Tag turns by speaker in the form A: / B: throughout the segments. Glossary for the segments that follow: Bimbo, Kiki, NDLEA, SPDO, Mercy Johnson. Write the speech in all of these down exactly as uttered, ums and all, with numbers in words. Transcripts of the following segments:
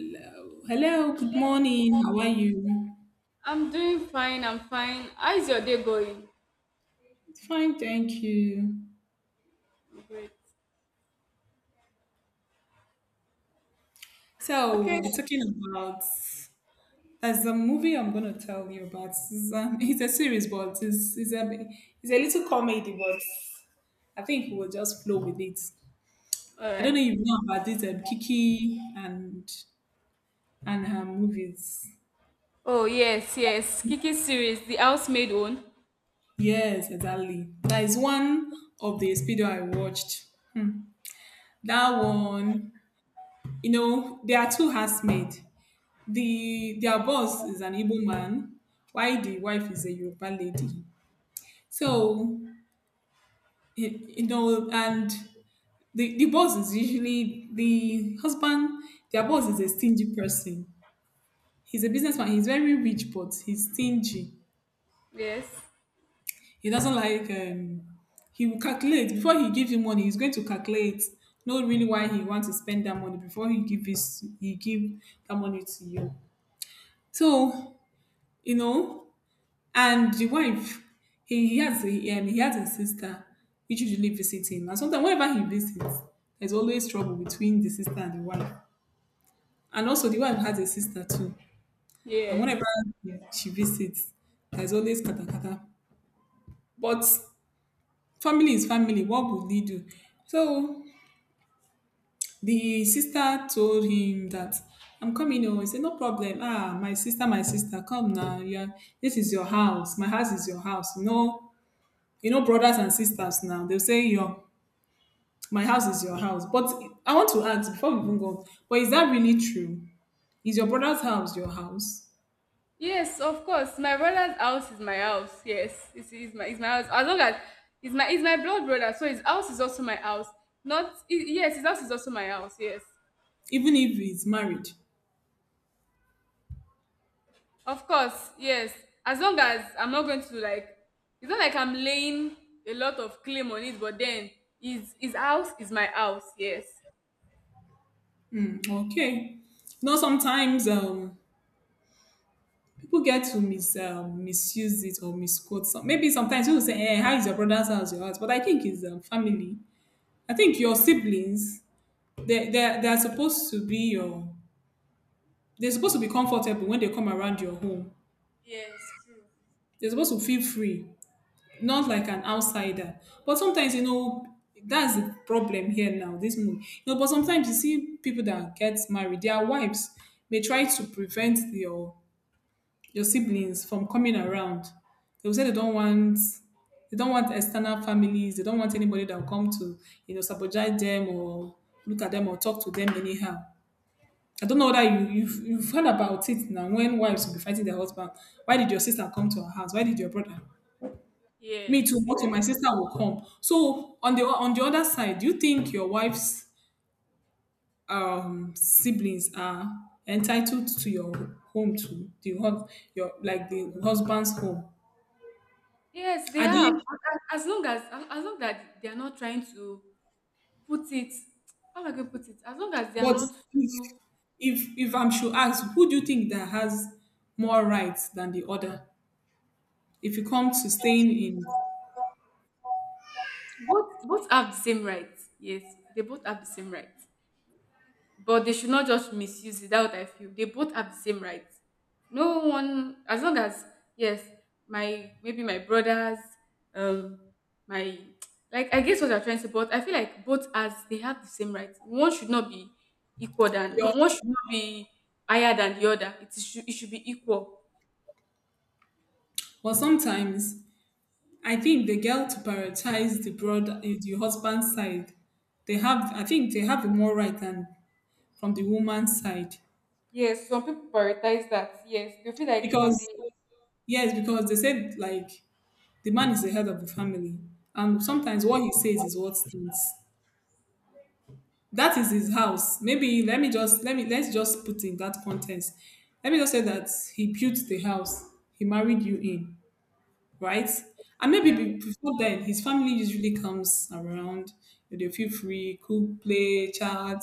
A: Hello, hello, good morning. How are you?
B: I'm doing fine. I'm fine. How's your day going?
A: Fine, thank you.
B: Great.
A: So we'll
B: Okay.
A: be talking about, there's a movie I'm gonna tell you about. It's, um, it's a series, but it's it's a it's a little comedy, but I think we'll just flow with it.
B: All
A: I don't
B: right.
A: know if you know about this um, Kiki and and her movies.
B: Oh yes, yes. Kiki series, the housemaid one.
A: Yes, exactly. That is one of the speedo I watched. Hmm. That one, you know, there are two housemaid. The their boss is an Igbo man, while the wife is a Yoruba lady. So y- you know, and the, the boss is usually the husband, their boss is a stingy person. He's a businessman, he's very rich, but he's stingy.
B: Yes,
A: He doesn't like um he will calculate before he gives you money, he's going to calculate, know really why he wants to spend that money before he give his he give that money to you. So, you know, and the wife, he he has a, um, he has a sister which usually visits him. And sometimes whenever he visits, there's always trouble between the sister and the wife. And also the wife has a sister too. And
B: yes,
A: whenever she visits, there's always kata kata. But family is family. What would he do? So the sister told him that I'm coming home. He said, "No problem. Ah, my sister, my sister, come now. Yeah, this is your house. My house is your house." No, you know, brothers and sisters now, they'll say, "Your my house is your house." But I want to ask before we even go, but is that really true? Is your brother's house your house?
B: yes. Of course, my brother's house is my house. Yes, it's, it's my it's my house. As long as it's my it's my blood brother, so his house is also my house. Not I yes, His house is also my house. Yes.
A: Even if he's married.
B: Of course, yes. As long as I'm not going to, like, it's not like I'm laying a lot of claim on it, but then his his house is my house. Yes.
A: Hmm, okay. You know, sometimes um people get to mis um, misuse it or misquote some, maybe sometimes people say, eh, how is your brother's house your house? But I think it's um, family. I think your siblings, they they they're supposed to be your they're supposed to be comfortable when they come around your home.
B: Yes, true.
A: They're supposed to feel free, not like an outsider. But sometimes, you know, that's the problem here now, this movie. You know, but sometimes you see people that get married, their wives may try to prevent your your siblings from coming around. They'll say they don't want they don't want external families, they don't want anybody that will come to, you know, sabotage them or look at them or talk to them anyhow. I don't know whether you, you've, you've heard about it now when wives will be fighting their husband. Why did your sister come to our house? Why did your brother? Me
B: Yes,
A: too.
B: yes.
A: Okay, my sister will come. So on the on the other side, do you think your wife's um siblings are entitled to your home too? The hus- your, like the husband's home?
B: Yes, they
A: Are they?
B: have. As as long as as as long that they are not trying to put it, how am I going to put it? As long as they are
A: But
B: not,
A: if
B: too-
A: if if I'm sure, ask who do you think that has more rights than the other? If you come to staying in
B: both both have the same rights. Yes, they both have the same rights. But they should not just misuse it. That's what I feel. They both have the same rights. No one, as long as, yes, my, maybe my brothers, um, my, like, I guess what I'm trying to say, but I feel like both, as they have the same rights. One should not be equal, than no
A: your,
B: one should not be higher than the other. It should it should be equal.
A: or sometimes I think the girl to prioritize the brother, the husband's side, they have, I think they have more right than from the woman's side,
B: Yes, some people prioritize that. Yes, they feel like from the,
A: because yes, because they said like the man is the head of the family, and sometimes what he says is what stands, that is his house. Maybe let me just let me let's just put in that context, let me just say that he built the house, he married you in, right? And maybe
B: yeah.
A: be- before then, his family usually comes around. They feel free, cook, play, chat.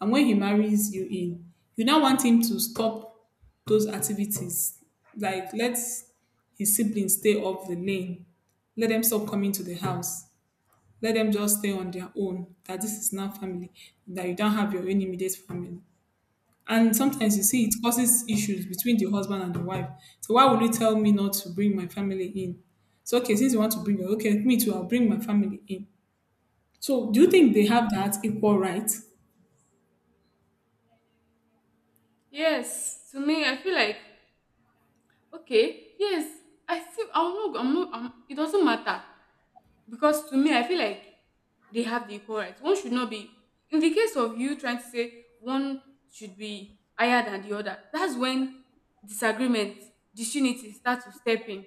A: And when he marries you in, you now want him to stop those activities. Like let his siblings stay off the lane. Let them stop coming to the house. Let them just stay on their own. That this is not family. That you don't have your own immediate family. And sometimes you see it causes issues between the husband and the wife. So why would you tell me not to bring my family in? So okay, since you want to bring your, okay, me too, I'll bring my family in. So do you think they have that equal right?
B: Yes, to me, I feel like okay. Yes, I still I'm not. I'm not. I'm, It doesn't matter. Because to me I feel like they have the equal rights. One should not be, in the case of you trying to say one should be higher than the other, that's when disagreement, disunity start to step in.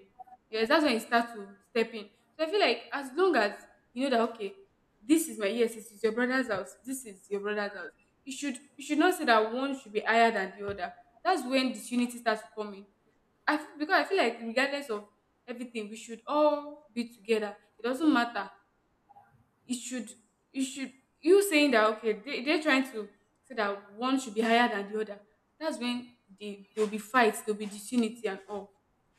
B: Yes, that's when it starts to step in. So I feel like, as long as you know that okay, this is my yes this is your brother's house, this is your brother's house, you should you should not say that one should be higher than the other. That's when disunity starts to come in. I f- because I feel like regardless of everything, we should all be together. It doesn't matter. It should it should you saying that okay, they, they're trying to say that one should be higher than the other. That's when they, there'll be fights, there'll be disunity and all.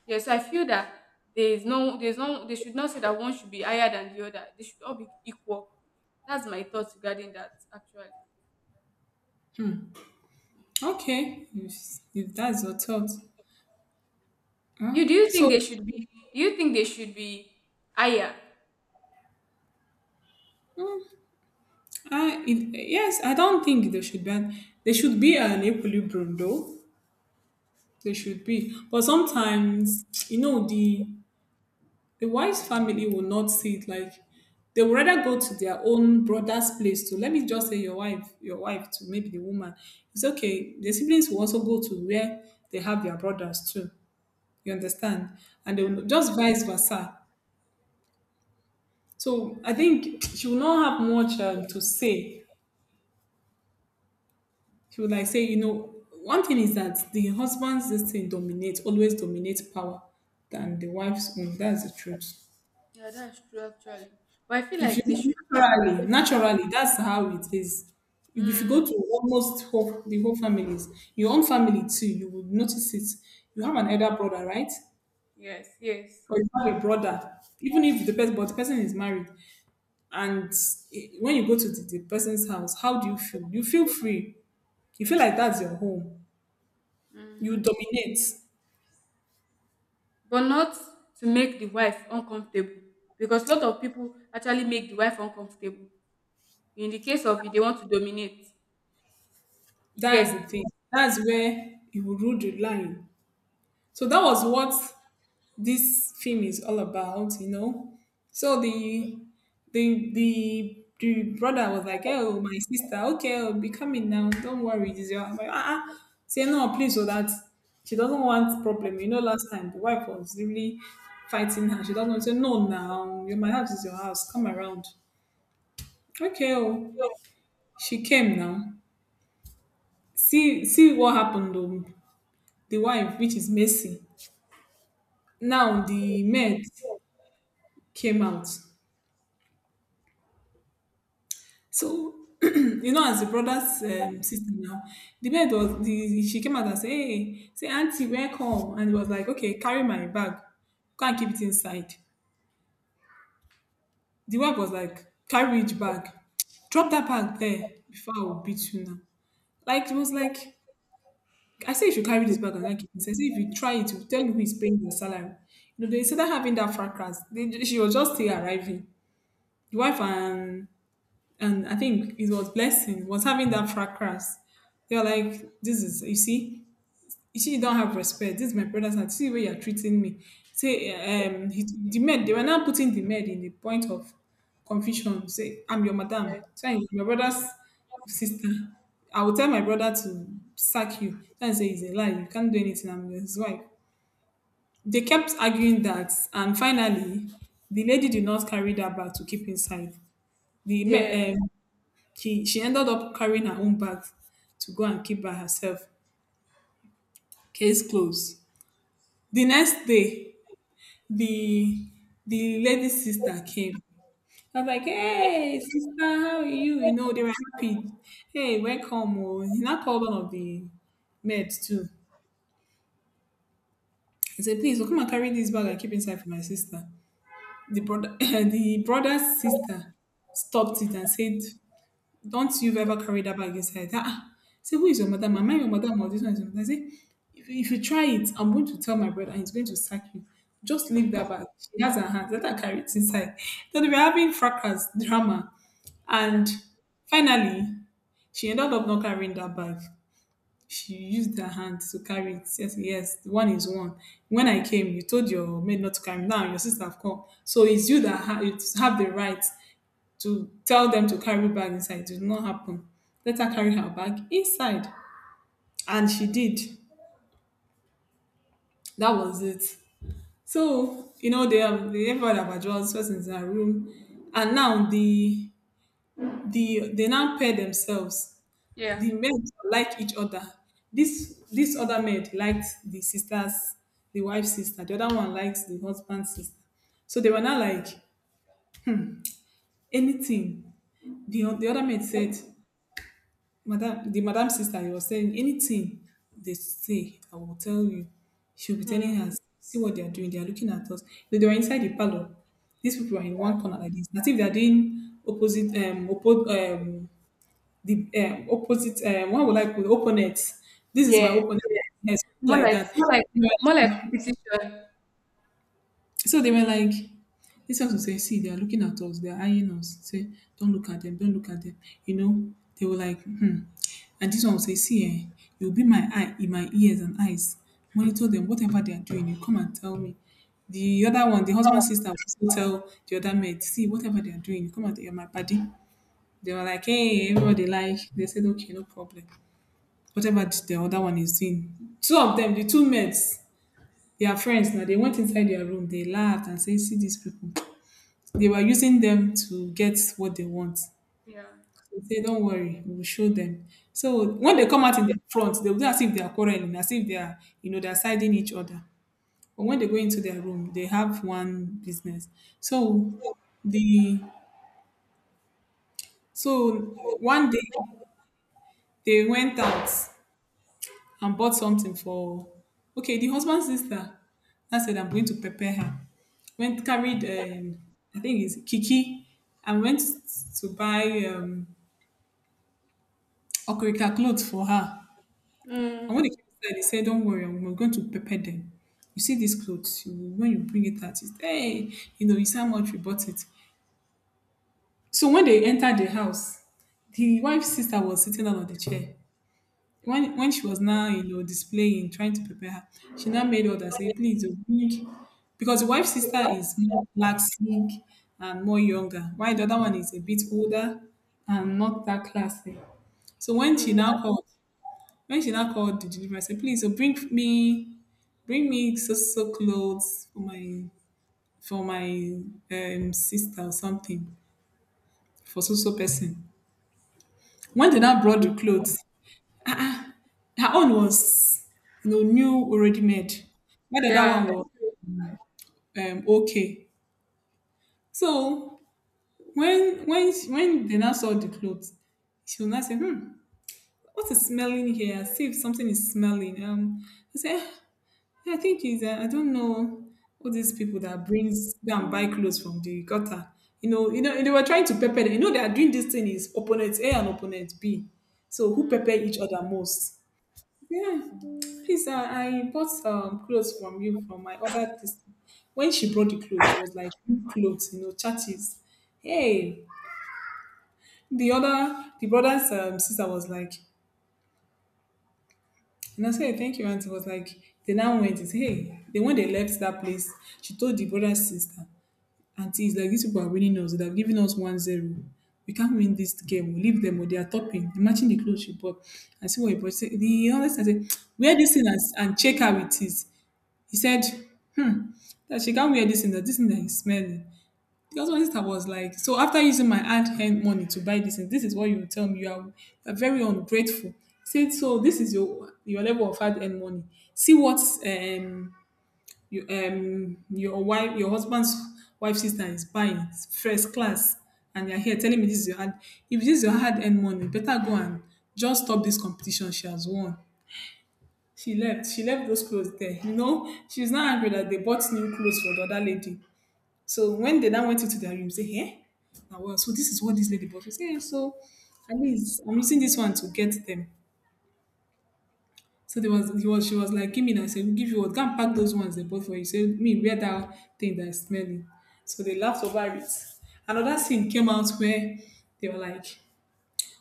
B: Yeah, so I feel that there is no there's no they should not say that one should be higher than the other. They should all be equal. That's my thoughts regarding that actually.
A: Okay, if, if that's your thought. Huh?
B: You do you think they
A: So,
B: should be do you think they should be higher?
A: mm, I, it, yes, I don't think they should ban. They should be an equilibrium, though. They should be. But sometimes, you know, the The wise family will not see it like they would rather go to their own brother's place. To, let me just say your wife, your wife to, maybe the woman. It's okay. The siblings will also go to where they have their brothers too. You understand? And they
B: Yeah.
A: will just vice versa. So I think she will not have much um, to say. She would like say, you know, one thing is that the husband's this thing dominates, always dominates power than the wife's own. That's the truth.
B: Yeah, that's true actually. But I feel
A: If
B: like they
A: you
B: should.
A: naturally, naturally, that's how it is. You- If you
B: Mm,
A: go to almost whole, the whole families, your own family too, you would notice it. You have an elder brother, right?
B: yes, yes.
A: Or you have a brother, even if the person, but the person is married. And i- when you go to the, the person's house, how do you feel? You feel free. You feel like that's your home. You
B: Hmm.
A: dominate.
B: But not to make the wife uncomfortable, because a lot of people actually make the wife uncomfortable. In the case of if they want to dominate, you
A: That's
B: get.
A: the thing. That's where you will rule the line. So that was what this film is all about, you know. So the the the the brother was like, "Oh, my sister, okay, I'll be coming now. Don't worry, this is your." I'm like, ah, ah, say no, please, so that she doesn't want problem. You know, last time the wife was really fighting her. She doesn't want to say no now. Your my house is your house. Come around. Okay, oh, she came now. See, see what happened. Um, the wife, which is Messi, now the maid came out. So, you know, as the brother's um, sister now, the bed was the she came out and said, "Hey, say auntie, welcome," and it was like, "Okay, carry my bag, can't keep it inside." The wife was like, "Carry which bag? Drop that bag there before I will beat you now." Like it was like, I say you should carry this bag and not keep it inside. Say if you try it, you tell me who is paying your salary. You know, they started having that fracas. They, she was just still arriving. The wife and and I think it was blessing was having that fracas. They were like, "This is, you see, you see, you don't have respect. This is my brothers, and see the way you're treating me." Say, um, he, the maid. They were now putting the maid in the point of confusion. Say, "I'm your madam.
B: Eh.
A: Say, I'm your brother's sister. I will tell my brother to sack you." And say, "It's a lie. You can't do anything. I'm his wife." They kept arguing that, and finally, the lady did not carry that bag to keep inside. The ma-
B: Yeah,
A: um, she she ended up carrying her own bag to go and keep by herself. Case closed. The next day, the the lady sister came. I was like, hey, sister, how are you? You know, they were happy. Hey, welcome. Oh. He now called one of the meds too. He said, please, oh, come and carry this bag and keep inside for my sister. The brother, the brother's sister stopped it and said, don't you've ever carried that bag inside? Ah, say, who is your madam? Am I your madam or this one is your madam? I say, if, if you try it, I'm going to tell my brother and he's going to sack you. Just leave that bag. She has her hands. Let her carry it inside. So they were having fracas, drama. And
B: yeah,
A: finally, she ended up not carrying that bag. She used her hand to carry it. Yes, yes, one is one. When I came, you told your maid not to carry. Now your sister have come. So it's you that ha- you have the right to tell them to carry bag inside. It did not happen. Let her carry her bag inside. And she did. That was it. So, you know, they have they have heard about Joel's persons in her room. And now the the they now pair themselves.
B: yeah.
A: The maids like each other. This this other maid likes the sister's the wife's sister. The other one likes the husband's sister. So they were not like anything. The, the other maid said, madam, the madam sister, he was saying anything they say, I will tell you. She'll be
B: Mm,
A: telling her, see what they are doing. They are looking at us. They, they were inside the parlor. These people are in one corner like this. As if they are doing opposite, um, oppo- um, the um, opposite, um, what would I call it? Opponent? This is my
B: yeah,
A: opponent.
B: yeah.
A: Yes,
B: More
A: like
B: like
A: that.
B: more like more like competition.
A: So they were like, this ones will say, see, they are looking at us, they are eyeing us. Say, don't look at them, don't look at them. You know, they were like, hmm. And this one will say, see, eh, you'll be my eye in my ears and eyes. Monitor them, whatever they are doing, you come and tell me. The other one, the husband's sister, will also tell the other maid, see, whatever they are doing, you come and you're my buddy. They were like, hey, everybody like. They said, okay, no problem. Whatever the other one is doing. Two of them, the two maids, their friends now, they went inside their room, they laughed and said, see these people. They were using them to get what they want.
B: Yeah.
A: They say, don't worry, we'll show them. So when they come out in the front, they'll do as if they are quarreling, as if they are, you know, they're siding each other. But when they go into their room, they have one business. So the so one day they went out and bought something for, okay, the husband's sister, I said, I'm going to prepare her, went, carried um, I think it's Kiki, and went to buy um okrika clothes for her. And when
B: Mm,
A: they came inside, they said, don't worry, i'm- we're going to prepare them. You see these clothes, you, when you bring it out, it's hey, you know, you see how much we bought it. So when they entered the house, the wife's sister was sitting down on the chair. When when she was now, you know, displaying, trying to prepare her, she now made others say, please, oh, bring— because the wife's sister is more classic and more younger, while the other one is a bit older and not that classic. So when she
B: mm,
A: now called, when she now called the deliverer, I said, please, oh, bring me, bring me so so clothes for my for my um, sister or something, for so so person. When they now brought the clothes, her own was, you know, new already made, while the other
B: yeah.
A: one was um, okay. So when when she- when they now saw the clothes, she was now saying, "Hmm, what is smelling here? I see if something is smelling." Um, I said, "Ah, I think it's uh, I don't know, all these people that brings down buy clothes from the gutter." You know, you know, they were trying to pepper them. You know, they are doing this thing, is opponent A and opponent B. So who
B: Mm,
A: pepper each other most? Yeah, please. Uh, I bought um clothes from you, from my other this. When she brought the clothes, she was like, clothes, you know, churches. Hey, the other the brothers um sister was like, and I said, thank you, auntie. Was like, they now went. Is hey, they when they left that place, she told the brother's sister, auntie, it's like these people are winning us. They have given us one zero. We can't win this game. We leave them, or they are topping. Imagine the clothes she bought. I see what you bought. She said— the honest, I said, wear this thing and, and check how it is. He said, hmm, that she can't wear this thing, that this thing that is smelling. Because my sister was like, so after using my hard hand money to buy this thing, this is what you tell me. You are, you are very ungrateful. He said, so this is your your level of hard earned money. See what um you um your wife your husband's wife sister is buying first class, and you're here telling me this is your hard. If this is your hard earned money, better go and just stop this competition, she has won. She left. She left those clothes there. You know, she's not angry that they bought new clothes for the other lady. So when they now went into their room, say, hey, now well, so this is what this lady bought. She say, "Eh, so at least I'm using this one to get them." So there was, he was, she was like, give me now. I said, we'll give you what? Go and pack those ones they bought for you. Say, me, wear that thing that is smelling. So they laughed over it. Another scene came out where they were like,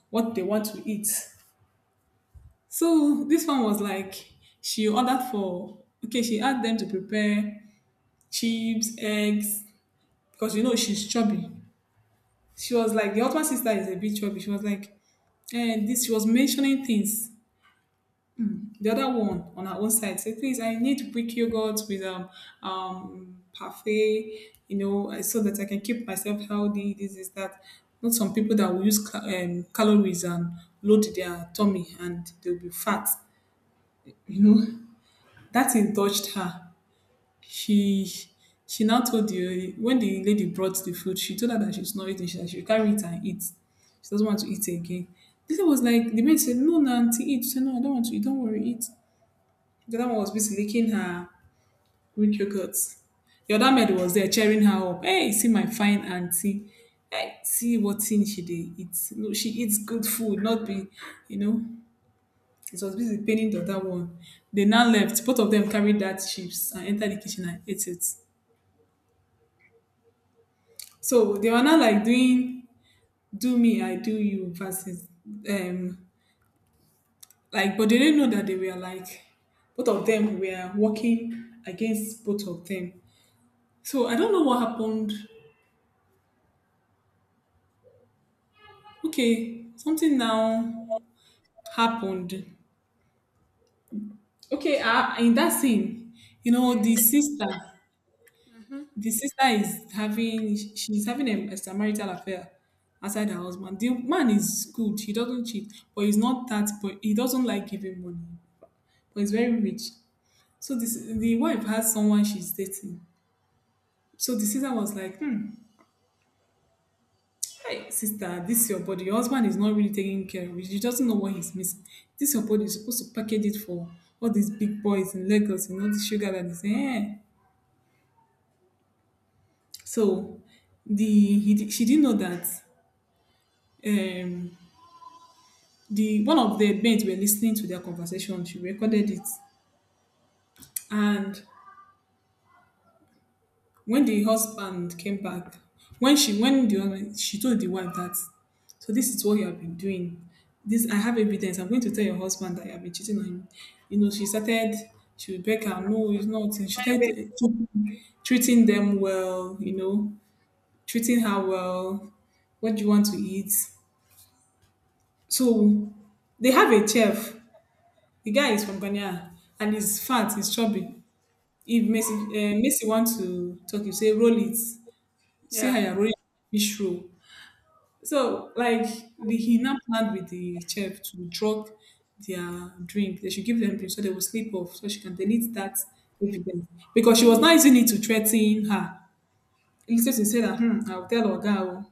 A: what they want to eat. So this one was like, she ordered for, okay, she asked them to prepare chips, eggs, because, you know, she's chubby. She was like, the husband sister is a bit chubby. She was like, and this she was mentioning things. The other one on her own side said, please, I need Greek yogurt with um um parfait, you know, uh, so that I can keep myself healthy. This is that. Not some people that will use ca- um, calories and load their tummy and they'll be fat. You know, that thing touched her, she she now told the, when the lady brought the food, she told her that she's not eating. She that she will carry it and eat. She doesn't want to eat again. The lady was like, the maid said, "No, na auntie, eat." She said, "No, I don't want to eat. Don't worry, eat." The other one was busy licking her Greek yogurt. The other maid was there cheering her up. Hey, see my fine auntie. Hey, see what thing she did. Eat. No, she eats good food, not be, you know. It was busy paining the other one. They now left. Both of them carried that chips and entered the kitchen and ate it. So they were not like doing "do me, I do you" versus um like, but they didn't know that they were like, both of them were working against both of them. So I don't know what happened. Okay, something now happened. Okay, uh, in that scene, you know
B: yes.
A: the sister,
B: Mm-hmm.
A: the sister is having, she's having a a marital affair outside her husband. The man is good. He doesn't cheat, but he's not that. But he doesn't like giving money. But he's very rich. So this the wife has someone she's dating. So the sister was like, hmm, hey, sister, this is your body. Your husband is not really taking care of it. He doesn't know what he's missing. This your body is supposed to package it for all these big boys in Lagos, you know, the sugar that is eh. So the he, di- she didn't know that um the one of the mates were listening to their conversation. She recorded it. And when the husband came back, when she when the husband, she told the wife that, so this is what you have been doing. This I have evidence. I'm going to tell your husband that you have been cheating on him. You know, she started she would beg her, no, it's not. And she started uh, treating them well, you know, treating her well. What do you want to eat? So they have a chef. The guy is from Ghana and he's fat, he's chubby. If Messi,
B: Mm,
A: uh, Messi wants to talk, you say roll it. See how
B: yeah.
A: you're rolling fish roll. So, like, the, he now planned with the chef to drop their drink. They should give them drink so they will sleep off so she can delete that evidence. Because she was not using it to threaten her. Instead, she said that, hmm, I'll tell Oga, oh,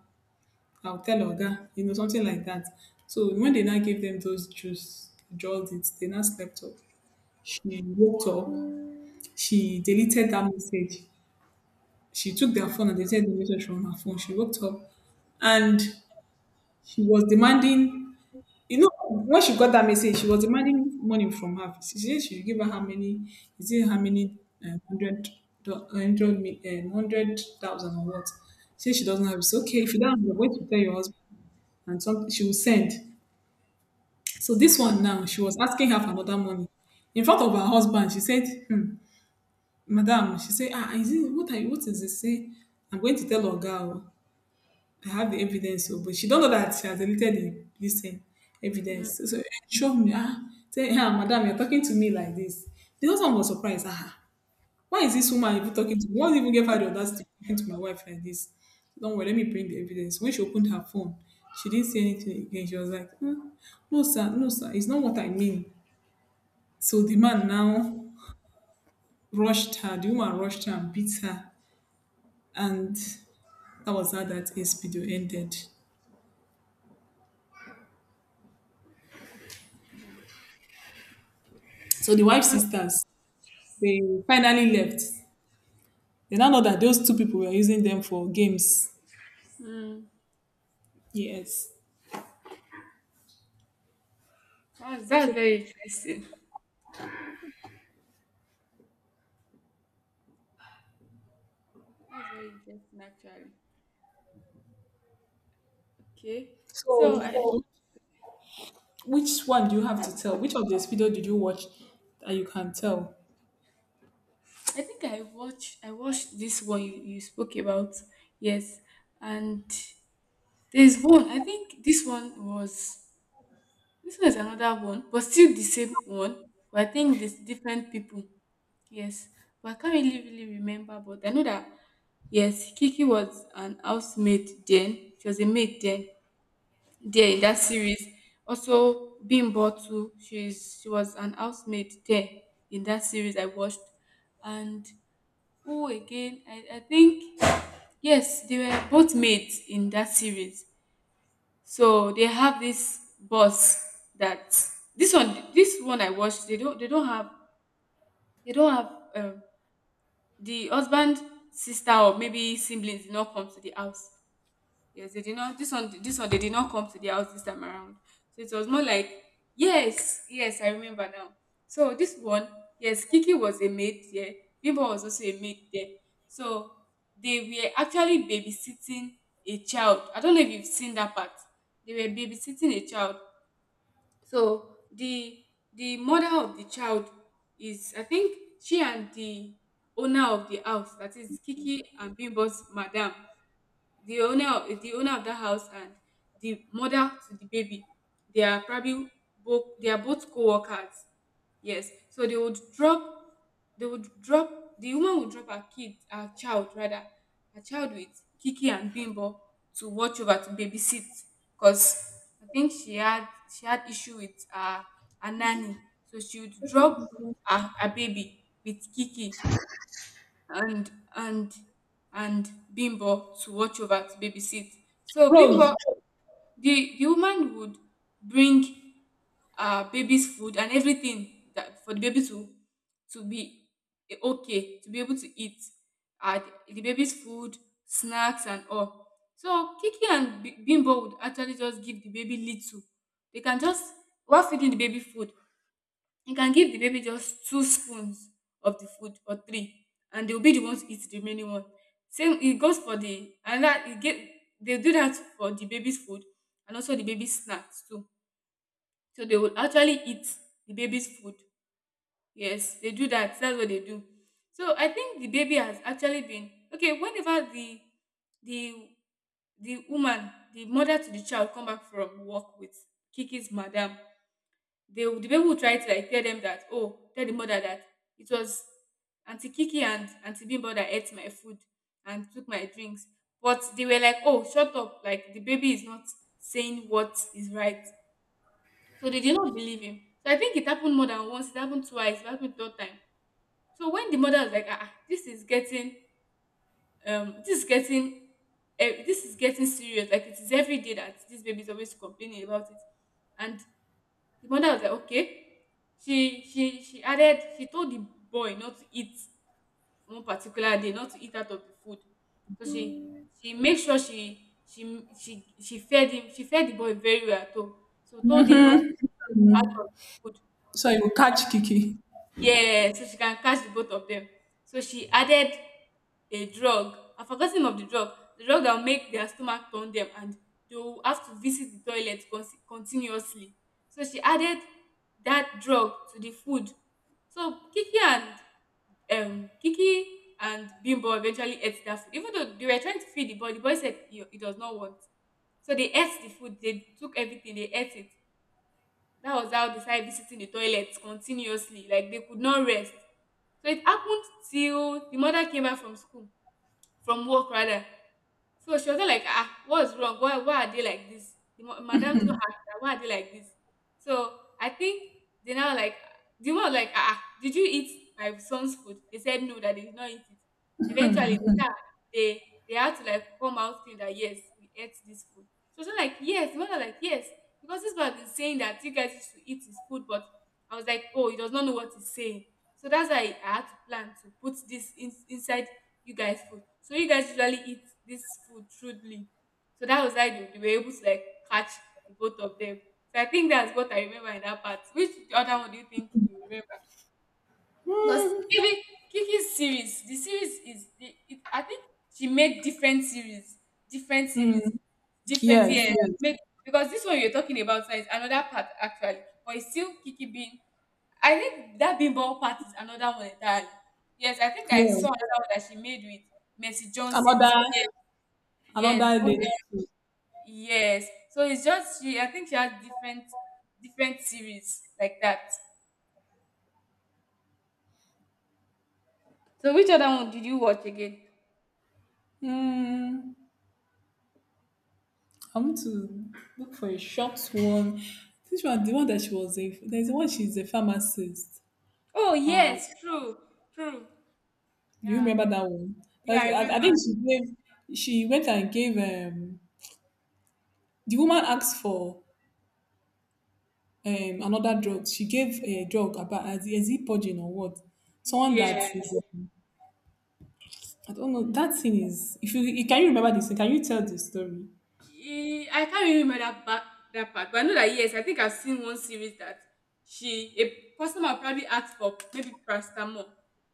A: I'll tell Oga, you know, something like that. So, when they now gave them those juice, withdrawals, it, they now slept off. She woke up, she deleted that message. She took their phone and deleted the message from her phone. She woke up and she was demanding, you know, when she got that message, she was demanding money from her. She said she should give her how many, is it how many uh, hundred, do- hundred, mi- um, hundred thousand or what? She said she doesn't have. It's okay if you don't have, the way to tell your husband and something she will send. So this one now, she was asking her for another money in front of her husband. She said, hmm, "Madam," she said, "Ah, is it, what are you? What is this? Say, I'm going to tell Oga, oh. I have the evidence," so but she don't know that she has deleted the listen
B: Mm,
A: evidence. So so show me, ah, say, eh, ah, madam, you're talking to me like this. The husband was surprised. Ah, why is this woman even talking to me? What even gave her the audacity to talking to my wife like this? Don't worry, let me bring the evidence. When she opened her phone, she didn't see anything again. She was like, "Hmm, no, sir, no, sir, it's not what I mean." So the man now rushed her. The woman rushed her and beat her, and that was how that S P D O ended. So the wife's sisters They finally left. They now know that those two people were using them for games.
B: mm.
A: Yes.
B: That's that's
A: So,
B: very interesting. That's very interesting actually. Okay. So I,
A: so which one do you have to tell? Which of the video did you watch that you can tell?
B: I think I watched I watched this one you, you spoke about. Yes. And there's one. I think this one was, this one is another one, but still the same one. But I think there's different people. Yes. But I can't really really remember, but I know that, yes, Kiki was an housemaid then. She was a maid then there in that series. Also, Bimbo too. She's she was an housemaid there in that series I watched. And who again? I, I think, yes, they were both maids in that series. So they have this boss that, this one, this one I watched, They don't they don't have, they don't have, um, the husband sister or maybe siblings did not come to the house. Yes, they did not. This one, this one, they did not come to the house this time around. So it was more like, yes, yes, I remember now. So this one, yes, Kiki was a maid there. Bimbo was also a maid there. So they were actually babysitting a child. I don't know if you've seen that part. They were babysitting a child. So the the mother of the child is, I think, she and the owner of the house, that is Kiki and Bimbo's madam, the owner of the owner of that house and the mother to the baby, they are probably both, they are both co-workers. Yes, so they would drop they would drop the woman would drop her kid, her child rather, her child with Kiki and Bimbo to watch over, to babysit. Because I think she had, she had issue with her, her nanny. So she would drop her, her baby with Kiki and, and and Bimbo to watch over, to babysit. So Bimbo,
A: Rose.
B: the the woman would bring uh baby's food and everything, that for the baby to to be okay, to be able to eat uh, the baby's food, snacks and all. So Kiki and B- Bimbo would actually just give the baby little. They can just, while feeding the baby food, you can give the baby just two spoons of the food or three, and they'll be the ones to eat the remaining one. Same, it goes for the, and that it get, they do that for the baby's food and also the baby's snacks too. So they will actually eat the baby's food. Yes, they do that. That's what they do. So I think the baby has actually been okay. Whenever the the the woman, the mother to the child, come back from work with Kiki's madam, they will- the people who try to like tell them that, oh, tell the mother that it was auntie Kiki and auntie Bimbo that ate my food and took my drinks. But they were like, oh, shut up, like the baby is not saying what is right. So they did not believe him. So I think it happened more than once, it happened twice, it happened third time. So when the mother was like, ah ah, this is getting um this is getting eh, this is getting serious, like it is every day that this baby is always complaining about it. And the mother was like, okay. She she she added, she told the boy not to eat one particular day, not to eat out of the food. So she she made sure she she she she fed him, she fed the boy very well too. So told him not, out of the food.
A: So you will catch Kiki.
B: Yeah, so she can catch the both of them. So she added a drug. I've forgotten of the drug. The drug that will make their stomach turn them and they will have to visit the toilet consi- continuously. So she added that drug to the food. So Kiki and um Kiki and Bimbo eventually ate that food. Even though they were trying to feed the boy, the boy said he, he does not want. So they ate the food, they took everything, they ate it. That was how they started visiting the toilets continuously. Like they could not rest. So it happened till the mother came back from school, from work rather. So she was just like, ah, what's wrong? Why, why are they like this? The ma- madam too asked her, why are they like this? So I think they now like, the one was like, ah ah, did you eat my son's food? They said no, that they did not eat it. Eventually, they, start- they, they had to like come out saying that, yes, we ate this food. So she was like, yes. The one was like, yes. Because this man is saying that you guys used to eat his food, but I was like, oh, he does not know what he's saying. So that's why I had to plan to put this in, inside you guys food. So you guys usually eat this food crudely. So that was like they, they were able to like catch the both of them. So I think that's what I remember in that part. Which other one do you think you remember? Because
A: Mm,
B: maybe Kiki's series, the series is the, it, I think she made different series, different series,
A: mm.
B: different, yeah.
A: yes, yes,
B: Make, because this one you're talking about now is another part actually, but it's still Kiki being, I think that Bimbo part is another one entirely. Yes, I think I saw
A: yes.
B: another one that she made with Mercy Johnson
A: Another,
B: too. Yes, the
A: another
B: one
A: lady.
B: that-
A: Too.
B: yes. So it's just she. I think she has different different series like that. So which other one did you watch again?
A: Mm, I want to look for a short one. This one, the one that she was a, there's one she's a pharmacist.
B: Oh
A: Um,
B: yes, true, true.
A: Do you
B: Yeah,
A: remember that one?
B: yeah,
A: That's,
B: I
A: I,
B: remember.
A: I think she gave. She went and gave. Um, the woman asked for um, another drug. She gave a drug about, as is it purging or what? Someone that is.
B: Yeah.
A: I don't know. That scene is. If you can you remember this? Can you tell the story?
B: Eh, I can't really remember that back, that part, but I know that, yes, I think I've seen one series that she, a customer probably asked for maybe paracetamol,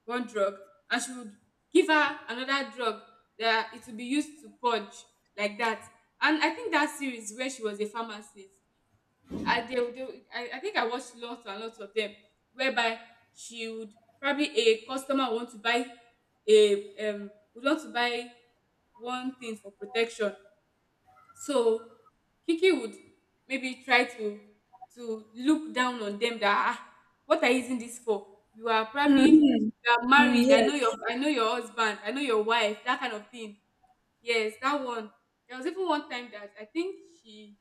B: one drug, and she would give her another drug that it would be used to purge, like that. And I think that series where she was a pharmacist, I they, they I, I think I watched lots and lots of them, whereby she would, probably a customer want to buy a um would want to buy one thing for protection. So Kiki would maybe try to to look down on them that, ah, what are you using this for? You are probably,
A: Mm-hmm.
B: you are
A: Mm,
B: married. I
A: yeah.
B: know your I know your husband. I know your wife. That kind of thing. Yes, that one. There was even one time that I think she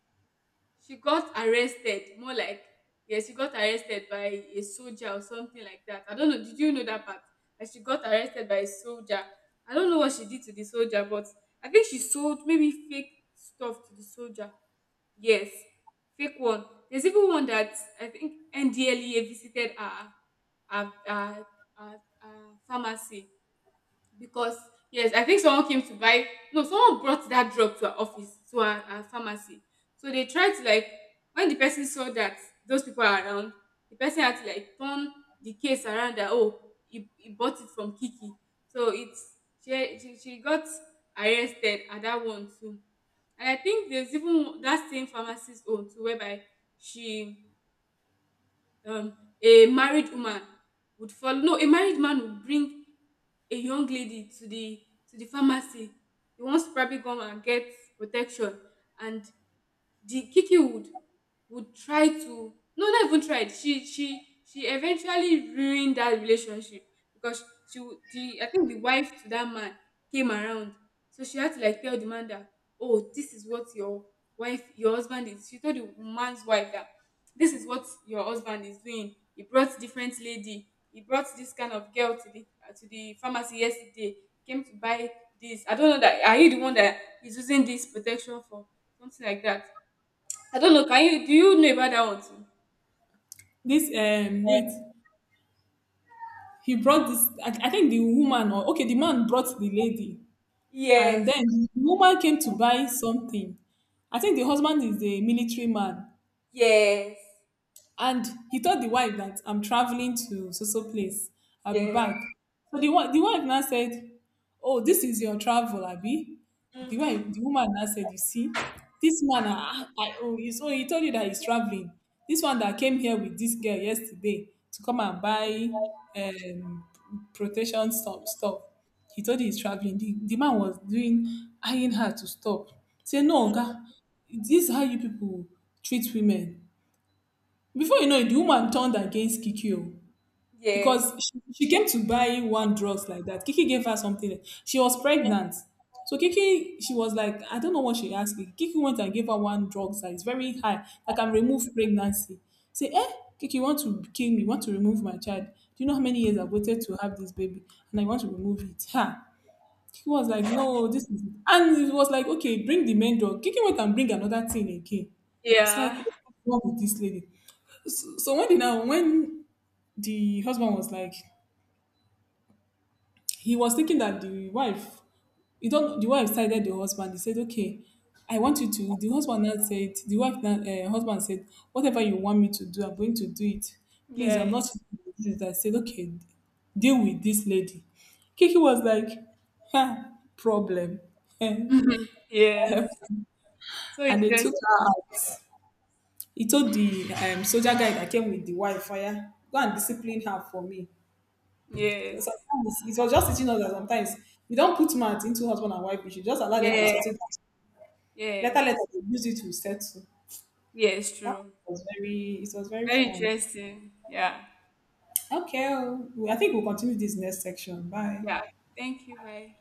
B: she got arrested, more like, yes, she got arrested by a soldier or something like that. I don't know, did you know that part? Like she got arrested by a soldier. I don't know what she did to the soldier, but I think she sold maybe fake stuff to the soldier. Yes, fake one. There's even one that I think NDLEA visited her her, her, her, her pharmacy. Because yes, I think someone came to buy, no, someone brought that drug to her office, to her, her pharmacy. So they tried to like, when the person saw that those people are around, the person had to like turn the case around, that oh, he, he bought it from Kiki. So it's she, she she got arrested at that one too. And I think there's even that same pharmacist own too, whereby she, um, a married woman would follow, no, a married man would bring a young lady to the, to the pharmacy. He wants to probably come and get protection. And the Kiki would would try to, no, not even tried, she she she eventually ruined that relationship. Because she would- the, I think the wife to that man came around. So she had to like tell the man that, oh, this is what your wife, your husband is, she told the man's wife that this is what your husband is doing. He brought different lady, he brought this kind of girl to the uh, to the pharmacy yesterday. He came to buy this, I don't know that, are you the one that is using this protection for? Something like that. I don't know. Can you do you know about that one too?
A: This, um, wait. He brought this, I, I think the woman, or okay, the man brought the lady, and
B: Yes,
A: then the woman came to buy something. I think the husband is a military man.
B: yes,
A: And he told the wife that, "I'm traveling to so so place. I'll be
B: yes.
A: back." So the wi- the wife now said, "Oh, this is your travel, Abby." The wife,
B: Mhm.
A: the woman now said, "You see, this man, ah, I, oh, he, so he told you that he's traveling? This one that came here with this girl yesterday to come and buy, um, protection stuff, stuff. He told you he's traveling." The, the man was doing eyeing her to stop. Say, "No,
B: Mm.
A: Oga, this is how you people treat women." Before you know it, the woman turned against Kiki o,
B: Yes.
A: because she, she came to buy one drugs like that. Kiki gave her something. She was pregnant. So Kiki, she was like, I don't know what she asked. Kiki Kiki went and gave her one drugs that is very high, that can remove pregnancy. Say, "Eh, Kiki, you want to kill me, you want to remove my child. Do you know how many years I've waited to have this baby? And I want to remove it? Ha." Kiki was like, "No, this is —" and it was like, "Okay, bring the main drug." Kiki went and bring another thing again. It's like,
B: Yeah.
A: what's wrong with this lady? So when the now when the husband was like, he was thinking that the wife — you don't — the wife sided the husband. He said, "Okay, I want you to —" The husband now said, "The wife now uh, husband said, whatever you want me to do, I'm going to do it. Please, I'm
B: Yes.
A: not." I said, "Okay, deal with this lady." Kiki was like, "Ha, problem." And
B: Mhm. Yes. So
A: they
B: interesting.
A: took her out. He told the um, soldier guy that came with the wife, "Fire, go and discipline her for me." So
B: Yes.
A: sometimes it was just teaching us that sometimes you don't put mouth into husband and wife issue, just allow them to
B: Yeah.
A: settle down. Later, later
B: Yes.
A: they use it to settle.
B: Yes.
A: That
B: True.
A: was very, it was very
B: Very
A: fun.
B: interesting. Yeah.
A: Okay, oh, I think we'll continue this next section. Bye.
B: Yeah. Thank you. Bye.